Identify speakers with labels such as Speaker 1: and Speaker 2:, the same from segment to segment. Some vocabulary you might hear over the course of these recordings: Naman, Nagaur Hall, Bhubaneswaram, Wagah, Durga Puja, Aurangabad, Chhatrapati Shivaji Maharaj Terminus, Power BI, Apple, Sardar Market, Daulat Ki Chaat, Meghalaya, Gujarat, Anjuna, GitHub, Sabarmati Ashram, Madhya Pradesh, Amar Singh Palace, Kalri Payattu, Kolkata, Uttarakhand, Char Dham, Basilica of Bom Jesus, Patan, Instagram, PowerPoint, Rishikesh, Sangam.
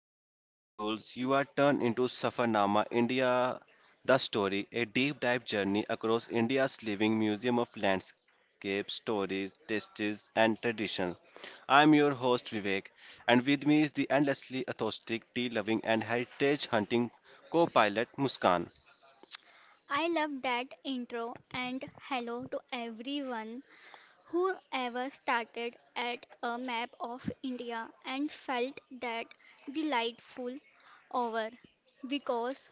Speaker 1: and curious souls. You are turned into Safarnama India The Story, a deep dive journey across India's living museum of landscapes, stories, tastes, and tradition. I am your host Vivek, and with me is the endlessly authentic, tea loving, and heritage hunting co pilot Muskan.
Speaker 2: I love that intro and hello to everyone who ever started at a map of India and felt that delightful over because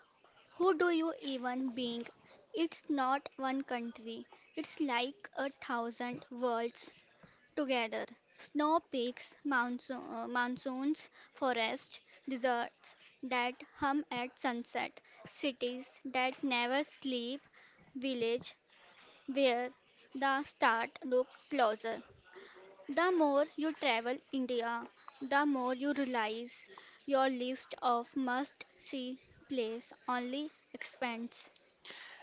Speaker 2: who do you even being, it's not one country, it's like a thousand worlds together. Snow peaks, monsoons, forests, deserts that hum at sunset, cities that never sleep, village where the start look closer. The more you travel India, the more you realize your list of must-see place only expands.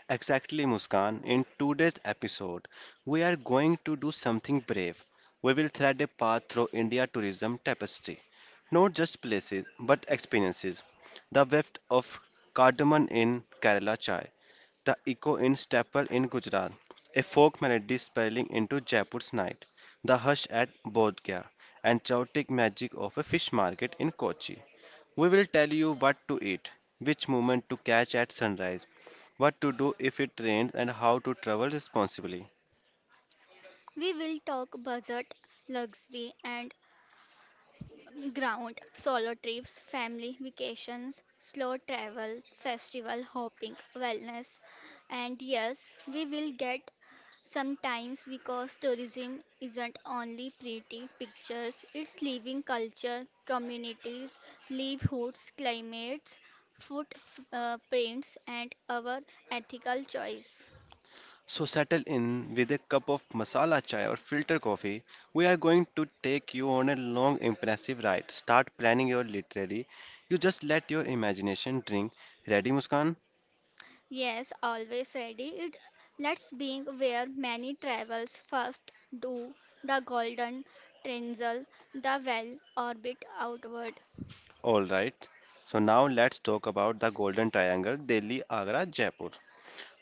Speaker 1: Exactly, Muskan. In today's episode, we are going to do something brave. We will thread a path through India tourism tapestry. Not just places, but experiences. The weft of cardamom in Kerala chai, the echo in staple in Gujarat, a folk melody spilling into Jaipur's night, the hush at Bodh Gaya, and chaotic magic of a fish market in Kochi. We will tell you what to eat, which moment to catch at sunrise, what to do if it rains, and how to travel responsibly.
Speaker 2: We will talk budget, luxury, and ground, solo trips, family vacations, slow travel, festival hopping, wellness, and yes, we will get sometimes because tourism isn't only pretty pictures, it's living culture, communities, livelihoods, climates, prints, and our ethical choice.
Speaker 1: So, settle in with a cup of masala chai or filter coffee. We are going to take you on a long, impressive ride. Start planning your literary. You just let your imagination drink. Ready, Muskan?
Speaker 2: Yes, always ready. It us being where many travels first do the golden triangle, the well orbit outward,
Speaker 1: All right. So, now let's talk about the Golden Triangle Delhi, Agra, Jaipur.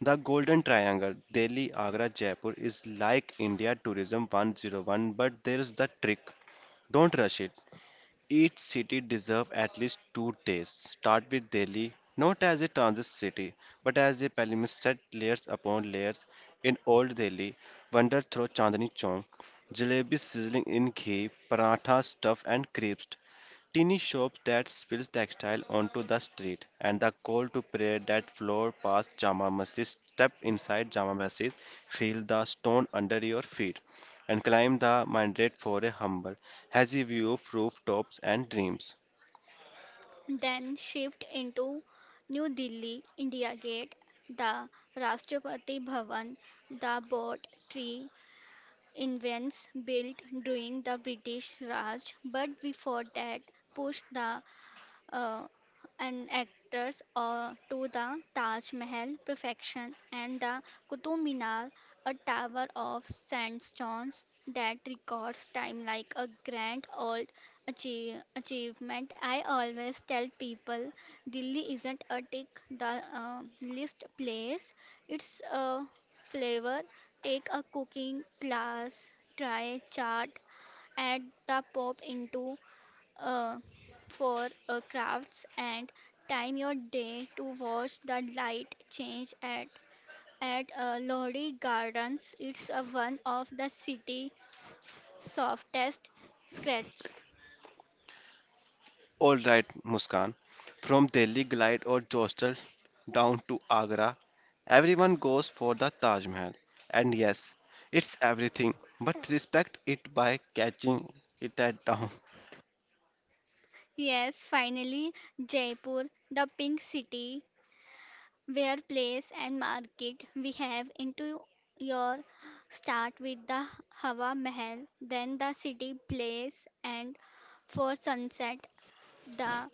Speaker 1: The Golden Triangle, Delhi, Agra, Jaipur, is like India Tourism 101, but there is the trick. Don't rush it. Each city deserves at least two tastes. Start with Delhi, not as a transit city, but as a palimpsest layers upon layers. In Old Delhi, wander through Chandni Chowk, jalebi sizzling in ghee, paratha stuffed and crisped, teeny shops that spill textile onto the street, and the call to prayer that flow past Jama Masjid. Step inside Jama Masjid, feel the stone under your feet, and climb the minaret for a humble has a view of rooftops and dreams.
Speaker 2: then shift into New Delhi, India Gate, the Rashtrapati Bhavan, the boat tree invents built during the British Raj, but before that push the uh, and actors to the Taj Mahal perfection and the Qutub Minar, a tower of sandstones that records time like a grand old achievement. I always tell people Delhi isn't a tick the list place, it's a flavor. Take a cooking class, try chaat, add the pop into uh, for crafts, and time your day to watch the light change at Lodi Gardens. It's one of the city's softest scratches.
Speaker 1: All right, Muskan, from Delhi Glide or Jostal down to Agra, everyone goes for the Taj Mahal. And yes, it's everything, but respect it by catching it at down.
Speaker 2: Yes, finally Jaipur, the pink city, where place and market we have into your, start with the Hawa Mahal, then the city place, and for sunset the.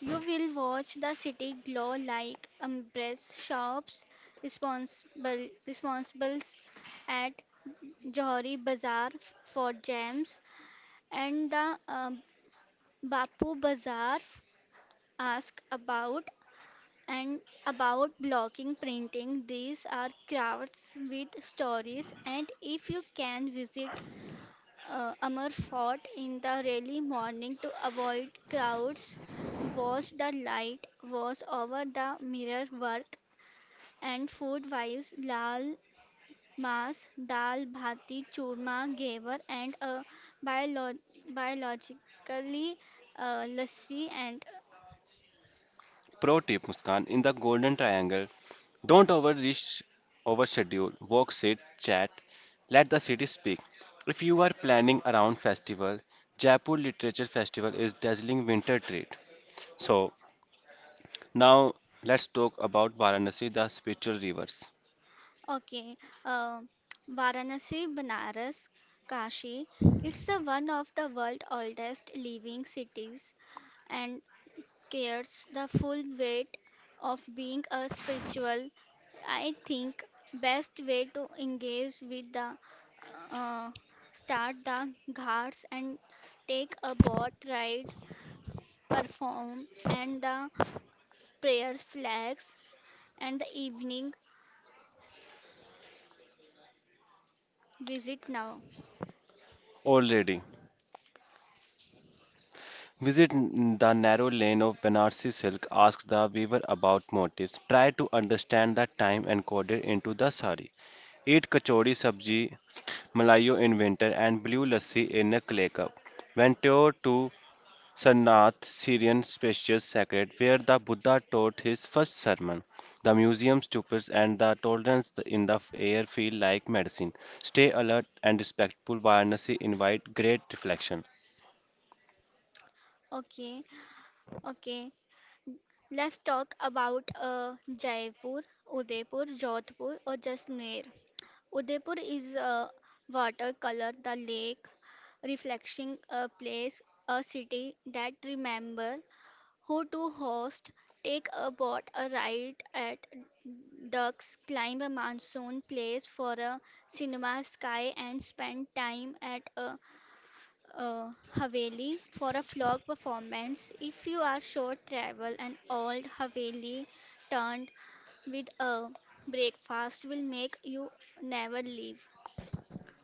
Speaker 2: You will watch the city glow like umbrellas, shops, responsibles at Johari Bazaar for gems, and the Bapu Bazaar ask about, and about blocking printing. These are crafts with stories, and if you can visit Amar fought in the early morning to avoid crowds, watched the light was over the mirror work, and food wives lal mas dal bhati churma gaver and a biolo- biologically lassi and
Speaker 1: Pro tip, Muskan, in the Golden Triangle, don't overreach, overschedule, walk, sit, chat. Let the city speak. If you are planning around festival, Jaipur Literature Festival is dazzling winter treat. So now let's talk about Varanasi, the spiritual rivers.
Speaker 2: okay uh, Varanasi Banaras Kashi, it's a one of the world's oldest living cities and carries the full weight of being a spiritual. I think best way to engage with the uh, start the ghats and take a boat ride, perform and the prayer flags and the evening visit now.
Speaker 1: Old lady, visit the narrow lane of Banarsi silk. Ask the weaver about motifs. Try to understand the time encoded into the sari. Eat kachori sabji, malayo in winter, and blue lassi in a clay cup. Venture to Sarnath Syrian spacious sacred where the Buddha taught his first sermon. The museum stupors and the tolerance in the air feel like medicine. Stay alert and respectful. Varanasi invite great reflection.
Speaker 2: Okay, okay. Let's talk about Jaipur, Udaipur, Jodhpur or Jaisalmer. Udaipur is a watercolor, the lake reflecting a place, a city that remember who to host, take a boat, a ride at ducks, climb a monsoon, place for a cinema sky, and spend time at a, uh, haveli for a flock performance. If you are short travel, an old haveli turned with a breakfast will make you never leave.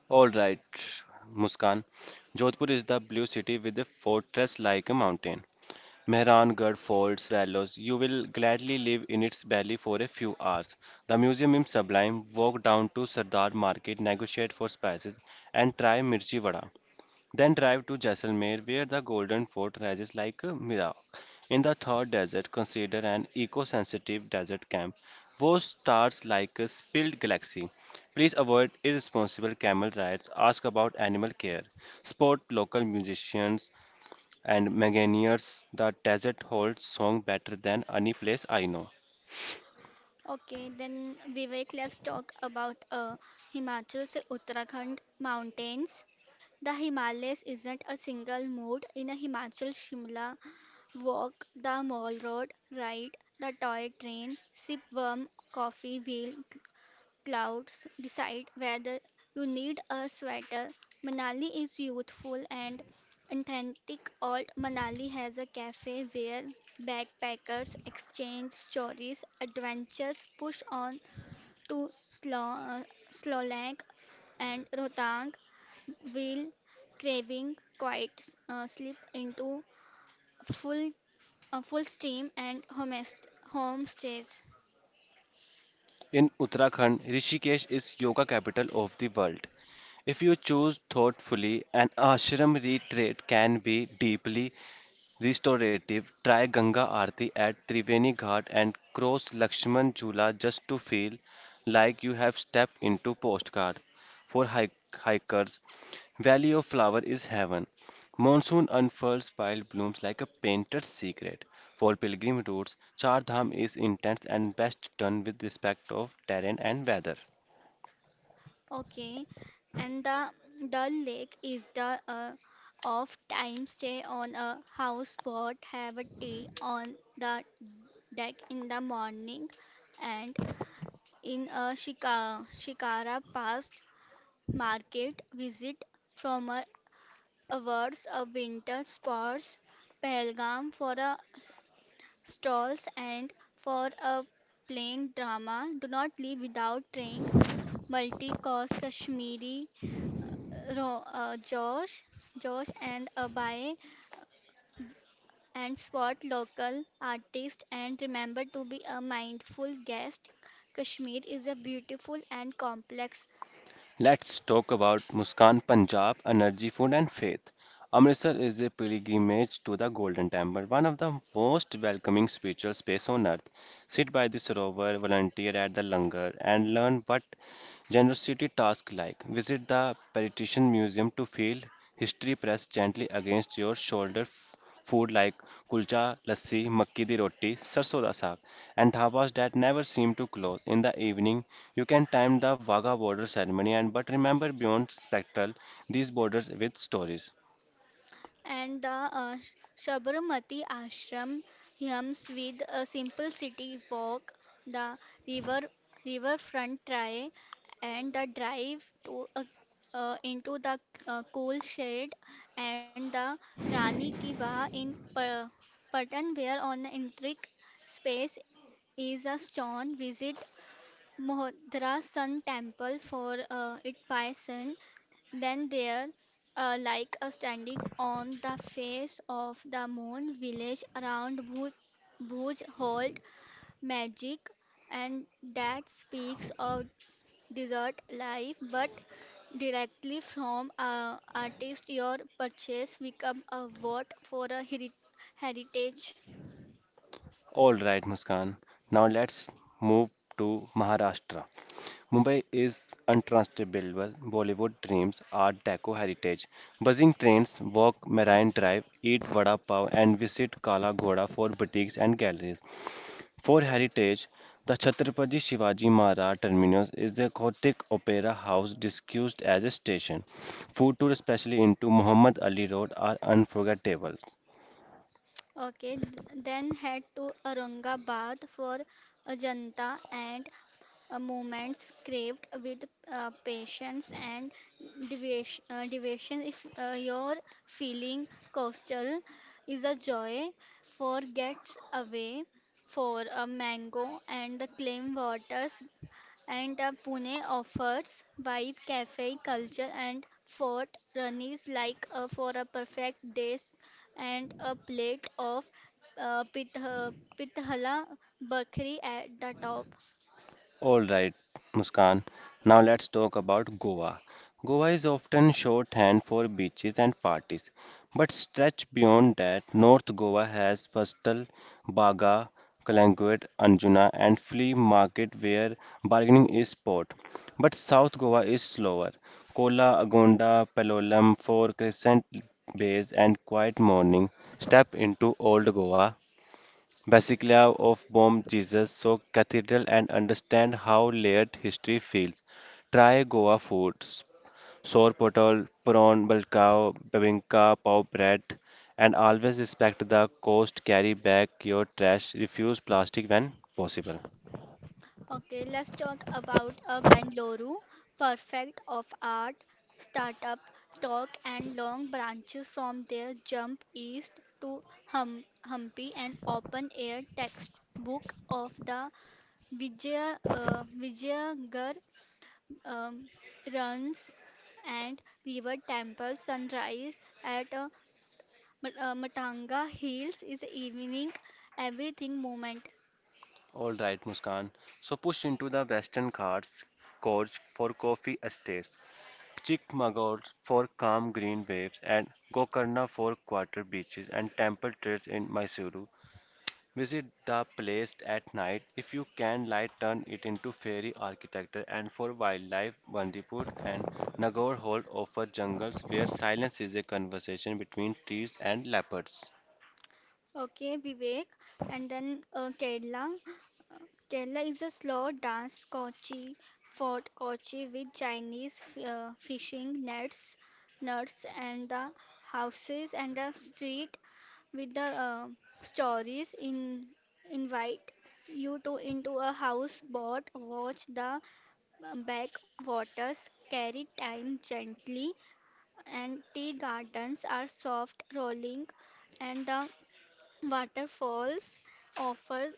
Speaker 1: All right, Muskan. Jodhpur is the blue city with a fortress like a mountain. Mehrangarh folds swallows. You will gladly live in its belly for a few hours. The museum is sublime. Walk down to Sardar Market, negotiate for spices, and try mirchi vada. Then drive to Jaisalmer, where the Golden Fort rises like a mirror. In the third desert, consider an eco sensitive desert camp, whose stars like a spilled galaxy. Please avoid irresponsible camel rides, ask about animal care, support local musicians and manganiers. The desert holds song better than any place I know.
Speaker 2: Okay, then Vivek, let's talk about Himachal se Uttarakhand mountains. The Himalayas isn't a single mood in a Himachal Shimla walk, the mall road, ride the toy train, sip warm coffee, wheel clouds, decide whether you need a sweater. Manali is youthful and authentic. Old Manali has a cafe where backpackers exchange stories, adventures, push on to Slovak and Rotang will craving quiet, sleep into full, full stream and homestays.
Speaker 1: In Uttarakhand, Rishikesh is yoga capital of the world. If you choose thoughtfully, an ashram retreat can be deeply restorative, try Ganga Aarti at Triveni Ghat and cross Lakshman Jhula just to feel like you have stepped into postcard. For hikers, Valley of Flower is heaven. Monsoon unfurls wild blooms like a painted secret. For pilgrim routes, Char Dham is intense and best done with respect of terrain and weather.
Speaker 2: Okay, and the Dull Lake is the off time, stay on a houseboat, have a tea on the deck in the morning, and in a Shikara past market visit from a awards a winter sports, Pahalgam for a stalls and for a plain drama. Do not leave without drink. Multi-course Kashmiri uh, ro- uh, Josh, Josh and Abai, and spot local artists and remember to be a mindful guest. Kashmir is a beautiful and complex,
Speaker 1: Let's talk about Muskan Punjab energy, food, and faith. Amritsar is a pilgrimage to the Golden Temple, one of the most welcoming spiritual space on earth. Sit by the Sarovar, volunteer at the Langar, and learn what generosity tasks like. Visit the Petition Museum to feel history pressed gently against your shoulder. Food like kulcha, lassi, makki di roti, sarso da saag, and dhabas that never seem to close. In the evening, you can time the Wagah border ceremony and but remember beyond spectral these borders with stories.
Speaker 2: and the Sabarmati Ashram hymns with a simple city walk, the river riverfront try, and the drive to a, into the cool shade, and the Rani Ki Vah in Patan where on intricate space is a stone, visit Mohdra Sun Temple for it by sun. Then there, like a standing on the face of the moon, village around Bhuj hold magic, and that speaks of desert life, but directly from artist, your purchase become a vote for a heritage.
Speaker 1: All right, Muskan. Now let's move to Maharashtra. Mumbai is untranslatable. Bollywood dreams, Art Deco heritage. Buzzing trains walk Marine Drive, eat vada pav, and visit Kala Ghoda for boutiques and galleries. For heritage, the Chhatrapati Shivaji Maharaj Terminus is the Gothic Opera House disguised as a station. Food tours, especially into Muhammad Ali Road, are unforgettable.
Speaker 2: Okay, then head to Aurangabad for Ajanta and moments craved with patience and deviation. If you're feeling coastal, is a joy for gets away for a mango and the clean waters, and Pune offers vibe cafe culture and fort runnies like for a perfect dish and a plate of uh, pith- uh, pithala bakri at the top.
Speaker 1: All right, Muskan. Now let's talk about Goa. Goa is often shorthand for beaches and parties, but stretch beyond that, North Goa has Pastal, Baga, Kalanguate, Anjuna, and flea market where bargaining is sport. But South Goa is slower. Kola, Agonda, Palolem, for Crescent Bays, and Quiet Morning step into Old Goa, Basilica of Bom Jesus so Cathedral and understand how layered history feels. Try Goa food, sour potol, prawn balkao, babinka, pav bread, and always respect the coast. Carry back your trash. Refuse plastic when possible.
Speaker 2: Okay, let's talk about a Bengaluru, perfect of art, startup, talk, and long branches from their jump east to hum, Hampi and open air textbook of the Vijayagar um, runs and river temple sunrise at Matanga Hills is evening everything moment.
Speaker 1: All right, Muskan. So push into the western Ghats, Gorge for coffee estates, Chikmagalur for calm green waves, and Gokarna for quarter beaches and temple trails in Mysuru. Visit the place at night if you can light turn it into fairy architecture and for wildlife Bandipur and Nagaur Hall offer jungles where silence is a conversation between trees and leopards.
Speaker 2: Okay, Vivek, and then Kerala. Kerala is a slow dance, Kochi fort Kochi with Chinese fishing nets, nuts, and the houses and the street with the stories in, invite you to into a houseboat, watch the backwaters, carry time gently, and tea gardens are soft rolling, and the waterfalls offers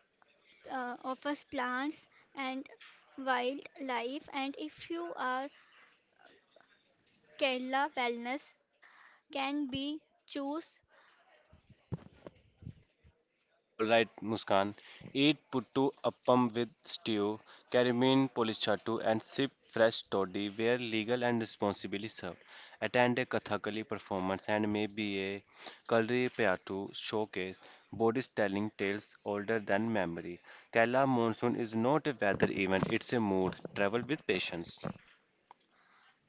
Speaker 2: offers plants and wildlife. And if you are Kerala, wellness can be choose.
Speaker 1: All right, Muskan. Eat puttu appam with stew, karimeen polichattu, and sip fresh toddy where legal and responsibly served. Attend a Kathakali performance and maybe a Kalri Payattu showcase. Bodies telling tales older than memory. Kerala monsoon is not a weather event, it's a mood. Travel with patience.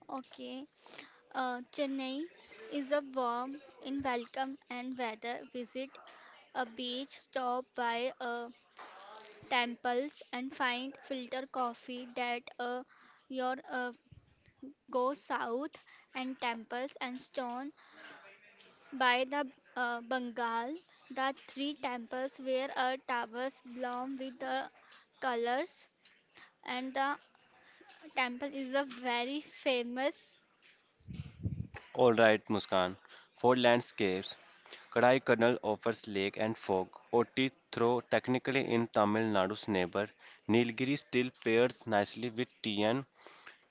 Speaker 2: Okay, Chennai is a warm in welcome and weather. Visit a beach, stop by temples, and find filter coffee that your, go south and temples and stone by the Bengal, the three temples where a towers bloom with the colors, and the temple is a very famous.
Speaker 1: All right, Muskan. For landscapes, Kadai Kannal offers lake and fog. Oti throw, technically in Tamil Nadu's neighbor, Nilgiri still pairs nicely with tea and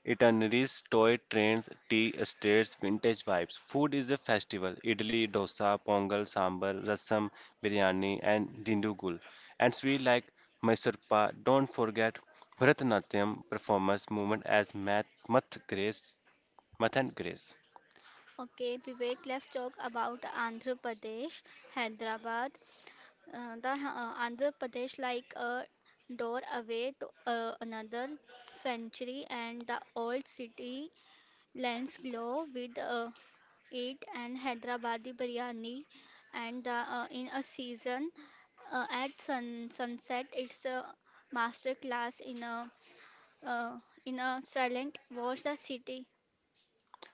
Speaker 1: itineraries, toy trains, tea estates, vintage vibes. Food is a festival. Idli, dosa, pongal, sambar, rasam, biryani, and dindugul. And sweet like Mysore pa. Don't forget Bharatanatyam performance movement as math, grace, math and grace.
Speaker 2: Okay, Vivek, let's talk about Andhra Pradesh, Hyderabad. The Andhra Pradesh, like a door away to another century, and the old city lends glow with ate and Hyderabadi biryani, and the, in a season, at sunset it's a master class uh, in a silent watch the city.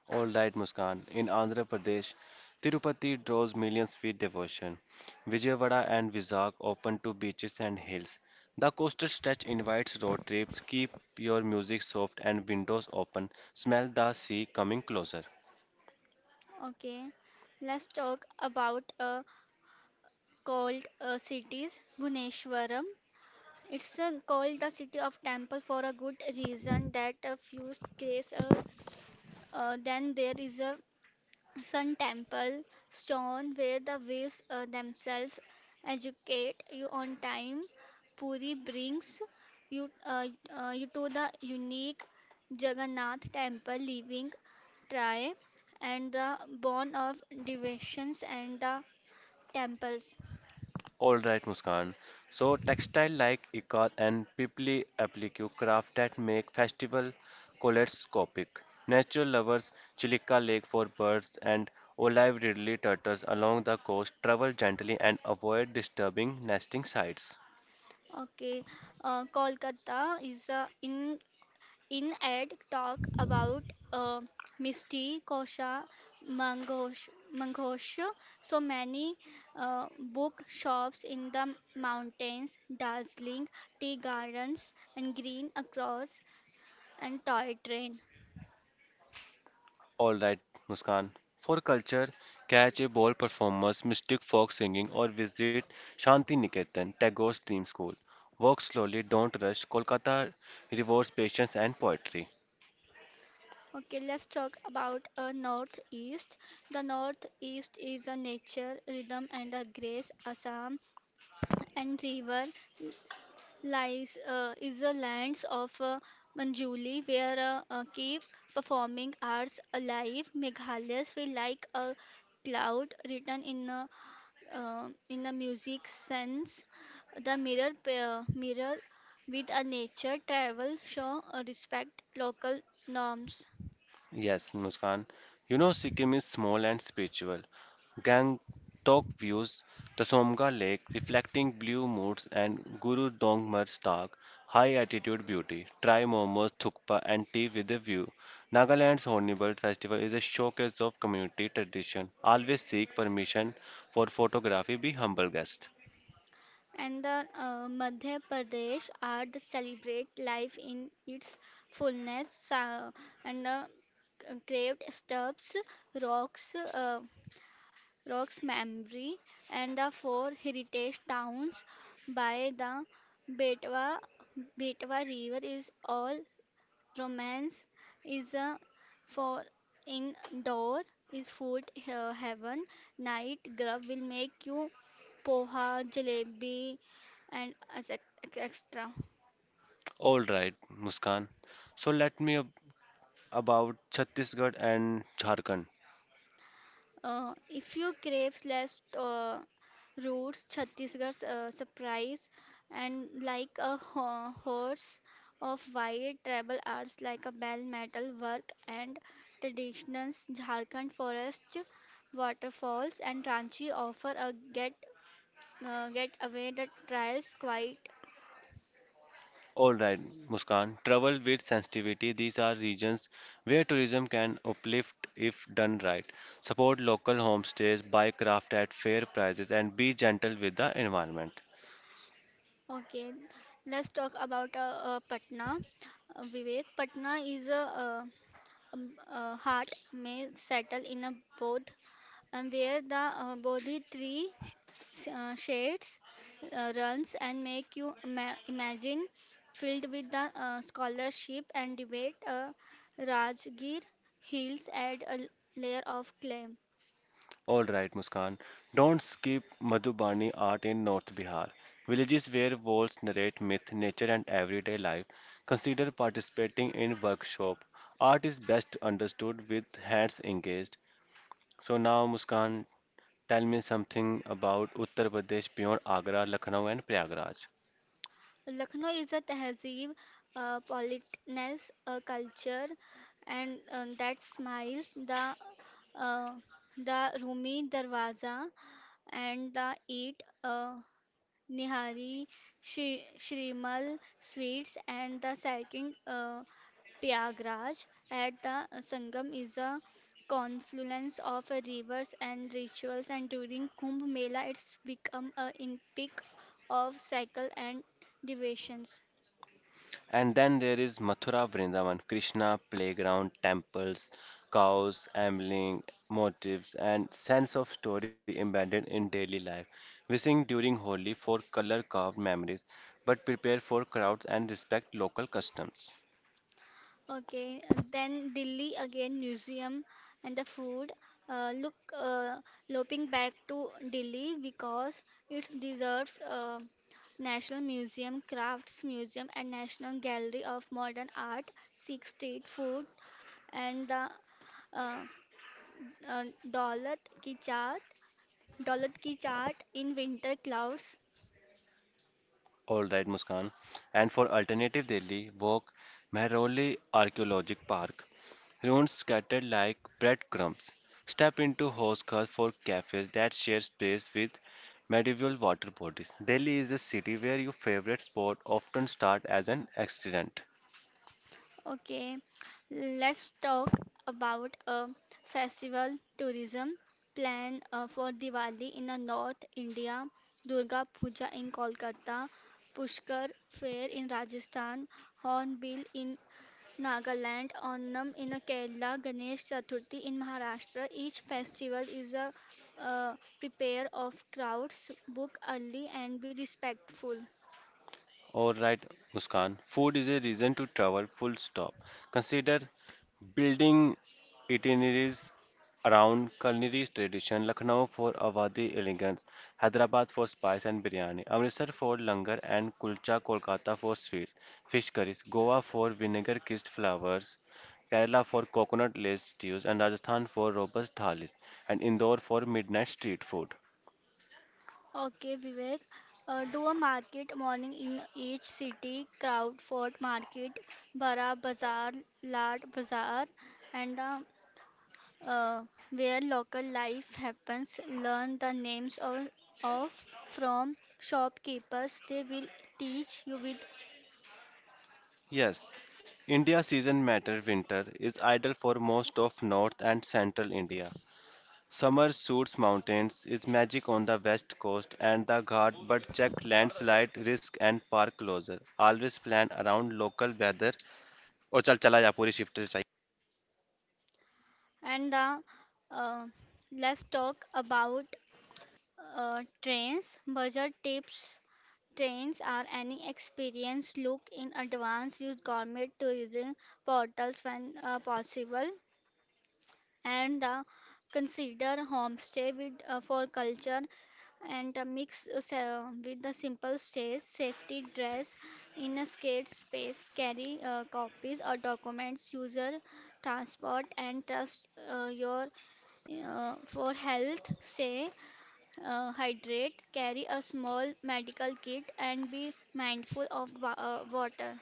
Speaker 1: All right, Muskan. In Andhra Pradesh, Tirupati draws millions with devotion. Vijayawada and Vizag open to beaches and hills. The coastal stretch invites road trips. Keep your music soft and windows open. Smell the sea coming closer.
Speaker 2: Okay, let's talk about a called cities Bhubaneswaram. It's called the city of temple for a good reason that a few grace then there is a Sun Temple, Stone, where the waves themselves educate you on time. Puri brings you, uh, you to the unique Jagannath Temple, living try, and the born of devotions and the temples.
Speaker 1: All right, Muskan. So textile like Ikat and Pipli applique craft that make festival kaleidoscopic. Nature lovers, Chilika Lake for birds and olive ridley turtles along the coast travel gently and avoid disturbing nesting sites.
Speaker 2: Okay, Kolkata is In Ed talk about uh, Kosha, Mangosh, so many book shops in the mountains, dazzling tea gardens and green across and toy train.
Speaker 1: All right, Muskan. For culture, catch a ball performers, mystic folk singing, or visit Shanti Niketan, Tagore's theme school. Walk slowly, don't rush. Kolkata rewards patience and poetry.
Speaker 2: Okay, let's talk about a northeast. The northeast is a nature, rhythm, and a grace. Assam and river lies is the lands of Manjuli, where keep performing arts alive. Meghalaya feel like a cloud written in a music sense. The mirror with a nature travel show, respect local norms.
Speaker 1: Yes, Muskan. You know, Sikkim is small and spiritual. Gangtok views the Somga Lake, reflecting blue moods, and Guru Dongmar Stark, high altitude beauty. Try momos, thukpa, and tea with a view. Nagaland's Hornbill Festival is a showcase of community tradition. Always seek permission for photography. Be humble guest.
Speaker 2: And the Madhya Pradesh art celebrate life in its fullness and carved stuffs, rocks, uh, rocks memory, and the four heritage towns by the Betwa Betwa River is all romance, is for indoor is food heaven night grub will make you poha, jalebi, and extra.
Speaker 1: All right, Muskan. So let me about Chhattisgarh and Jharkhand.
Speaker 2: If you crave less roots, Chhattisgarh's surprise, and like a horse of white tribal arts like a bell metal work and traditions, Jharkhand forest, waterfalls, and Ranchi offer a get away the trials quite.
Speaker 1: All right, Muskan. Travel with sensitivity. These are regions where tourism can uplift if done right. Support local homestays, buy craft at fair prices, and be gentle with the environment.
Speaker 2: Okay, let's talk about Patna. Vivek, Patna is a, heart may settle in a bodh, and where the bodhi tree shades runs and make you imagine filled with the scholarship and debate. Rajgir hills add a layer of clay.
Speaker 1: All right, Muskan. Don't skip Madhubani art in North Bihar. Villages where walls narrate myth, nature, and everyday life. Consider participating in workshop. Art is best understood with hands engaged. So now, Muskan, tell me something about Uttar Pradesh beyond Agra, Lucknow, and Prayagraj.
Speaker 2: Lucknow is a tehzeeb, politeness, a culture, and that smiles, uh, the Rumi Darwaza, and the Eat Nihari Shrimal Sweets, and the second, Prayagraj at the Sangam is a confluence of rivers and rituals, and during Kumbh Mela it's become a in peak of cycle and devotions.
Speaker 1: And then there is Mathura, Vrindavan, Krishna, playground, temples, cows, ambling, motifs, and sense of story embedded in daily life. We sing during Holi for color-carved memories, but prepare for crowds and respect local customs.
Speaker 2: Okay, and then Delhi again, museum and the food. Uh, look, uh, Loping back to Delhi because it deserves National Museum, Crafts Museum, and National Gallery of Modern Art, Sikh Street Food, and the uh, uh, Daulat Ki Chaat, Daulat Ki Chaat in Winter Clouds.
Speaker 1: All right, Muskan. And for Alternative Delhi, walk Mehrauli Archaeologic Park. Ruins scattered like breadcrumbs. Step into horse cars for cafes that share space with medieval water bodies. Delhi is a city where your favorite sport often start as an accident.
Speaker 2: Okay, let's talk about a festival tourism plan for Diwali in North India, Durga Puja in Kolkata, Pushkar Fair in Rajasthan, Hornbill in Nagaland, Onam in Kerala, Ganesh Chaturthi in Maharashtra. Each festival is a prepare of crowds, book early and be respectful.
Speaker 1: All right, Muskan. Food is a reason to travel, full stop. Consider building itineraries around culinary tradition, Lucknow for Awadhi elegance, Hyderabad for spice and biryani, Amritsar for langar and kulcha, Kolkata for sweets, fish curries, Goa for vinegar-kissed flowers, Kerala for coconut-laced stews, and Rajasthan for robust thalis, and Indore for midnight street food.
Speaker 2: Okay, Vivek. Do a market morning in each city, Crowdford Market, Bara Bazaar, Lad Bazaar, and the, uh, where local life happens. Learn the names of from shopkeepers. They will teach you with.
Speaker 1: Yes, India season matter winter is ideal for most of north and central India. Summer suits mountains is magic on the west coast and the Ghat but check landslide risk and park closure. Always plan around local weather. और चल चला जा पूरी shift से चाहिए।
Speaker 2: And the, uh, let's talk about trains. Budget tips. Trains are any experience. Look in advance. Use government tourism portals when possible, and consider homestay with for culture, and mix with the simple stays. Safety dress in a scared space. Carry copies or documents. User transport and trust your for health. Stay hydrate, carry a small medical kit, and be mindful of water.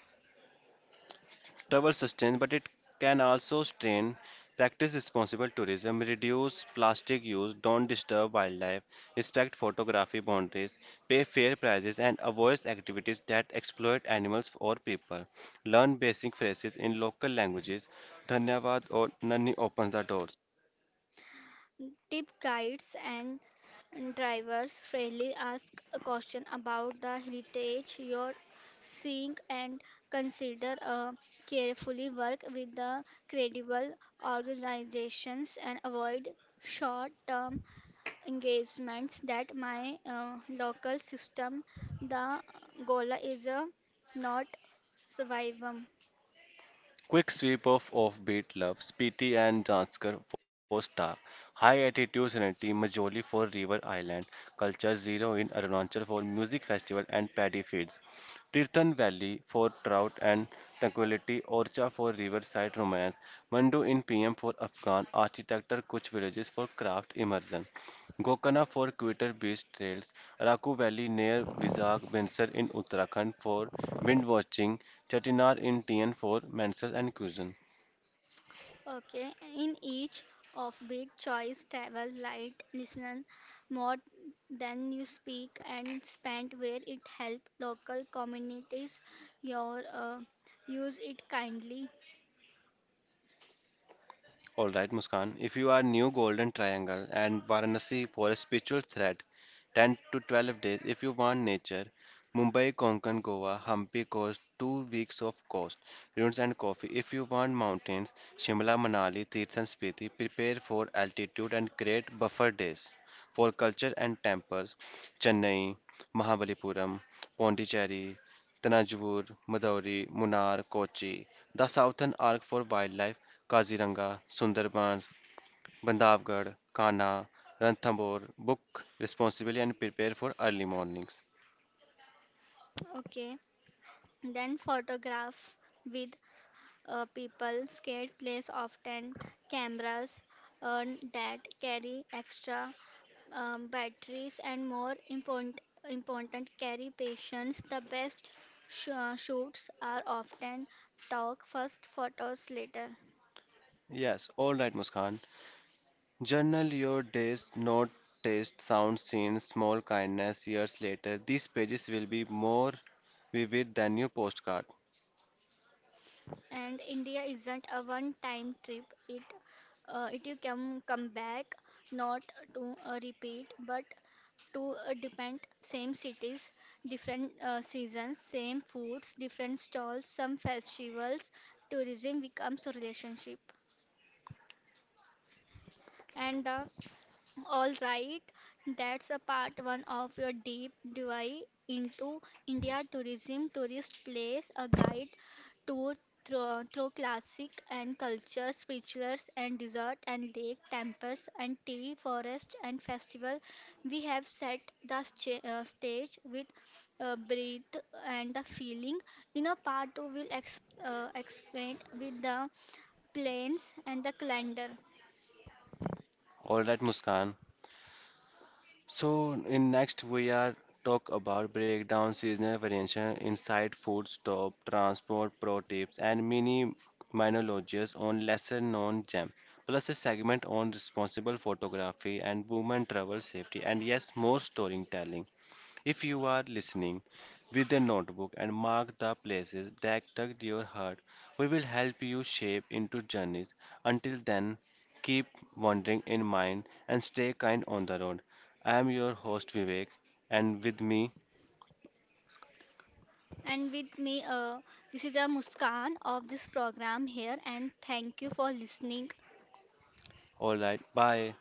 Speaker 1: Travel sustains, but it can also strain. Practice responsible tourism, reduce plastic use, don't disturb wildlife, respect photography boundaries, pay fair prices, and avoid activities that exploit animals or people. Learn basic phrases in local languages. Dhanyavad or Nani opens the doors.
Speaker 2: Tip guides and drivers freely, ask a question about the heritage you're seeing, and consider carefully work with the credible organizations and avoid short term engagements that my local system, the goal is a not survival.
Speaker 1: Quick sweep of offbeat loves, P.T. and Janskar for Star, High Attitude Serenity, Majoli for River Island, Culture Zero in Arunachal for Music Festival and Paddy Fields, Tirthan Valley for Trout and Tranquility, Orcha for Riverside Romance, Mandu in PM for Afghan Architecture, Kuch Villages for Craft Immersion. Gokana for quitter-based trails, Araku Valley near Vizag, Bansar in Uttarakhand for wind watching, Chettinad in TN for mensas and cuisine.
Speaker 2: Okay, in each of which choice, travel light, listen more than you speak, and spend where it help local communities. Your use it kindly.
Speaker 1: All right, Muskan. If you are new Golden Triangle and Varanasi for a spiritual thread, 10 to 12 days. If you want nature, Mumbai, Konkan, Goa, Hampi coast, 2 weeks of coast, ruins and coffee. If you want mountains, Shimla, Manali, Tirth and Spiti, prepare for altitude and create buffer days. For culture and temples, Chennai, Mahabalipuram, Pondicherry, Tanajavur, Madauri, Munnar, Kochi, the southern arc for wildlife, Kaziranga, Sundarbans, Bandhavgarh, Kanha, Ranthambore, book responsibly and prepare for early mornings.
Speaker 2: Okay, then photograph with people scared place often cameras uh, that carry extra batteries, and more important carry patients. The best shoots are often talk first, photos later.
Speaker 1: Yes, all right, Muskan. Journal your days, note, taste, sound, scenes, small kindness years later. These pages will be more vivid than your postcard.
Speaker 2: And India isn't a one-time trip. It it you can come back not to repeat but to depend same cities different seasons, same foods different stalls, some festivals tourism becomes a relationship and the. All right, that's a part one of your deep dive into India tourism, tourist place, a guide tour through classic and culture, spirituals and desert and lake, temples and tea, forest and festival. We have set the stage with breath and the feeling. In a part two, we'll explain with the planes and the calendar.
Speaker 1: All right, Muskan. So in next we are talk about breakdown seasonal variation inside food stop, transport, pro tips and mini monologues on lesser known gems. Plus a segment on responsible photography and women travel safety and yes more storytelling. If you are listening with a notebook and mark the places that tugged your heart, we will help you shape into journeys. Until then, keep wandering in mind and stay kind on the road. I am your host Vivek, and with me,
Speaker 2: And with me, this is a Muskan of this program here, and thank you for listening.
Speaker 1: alright, bye.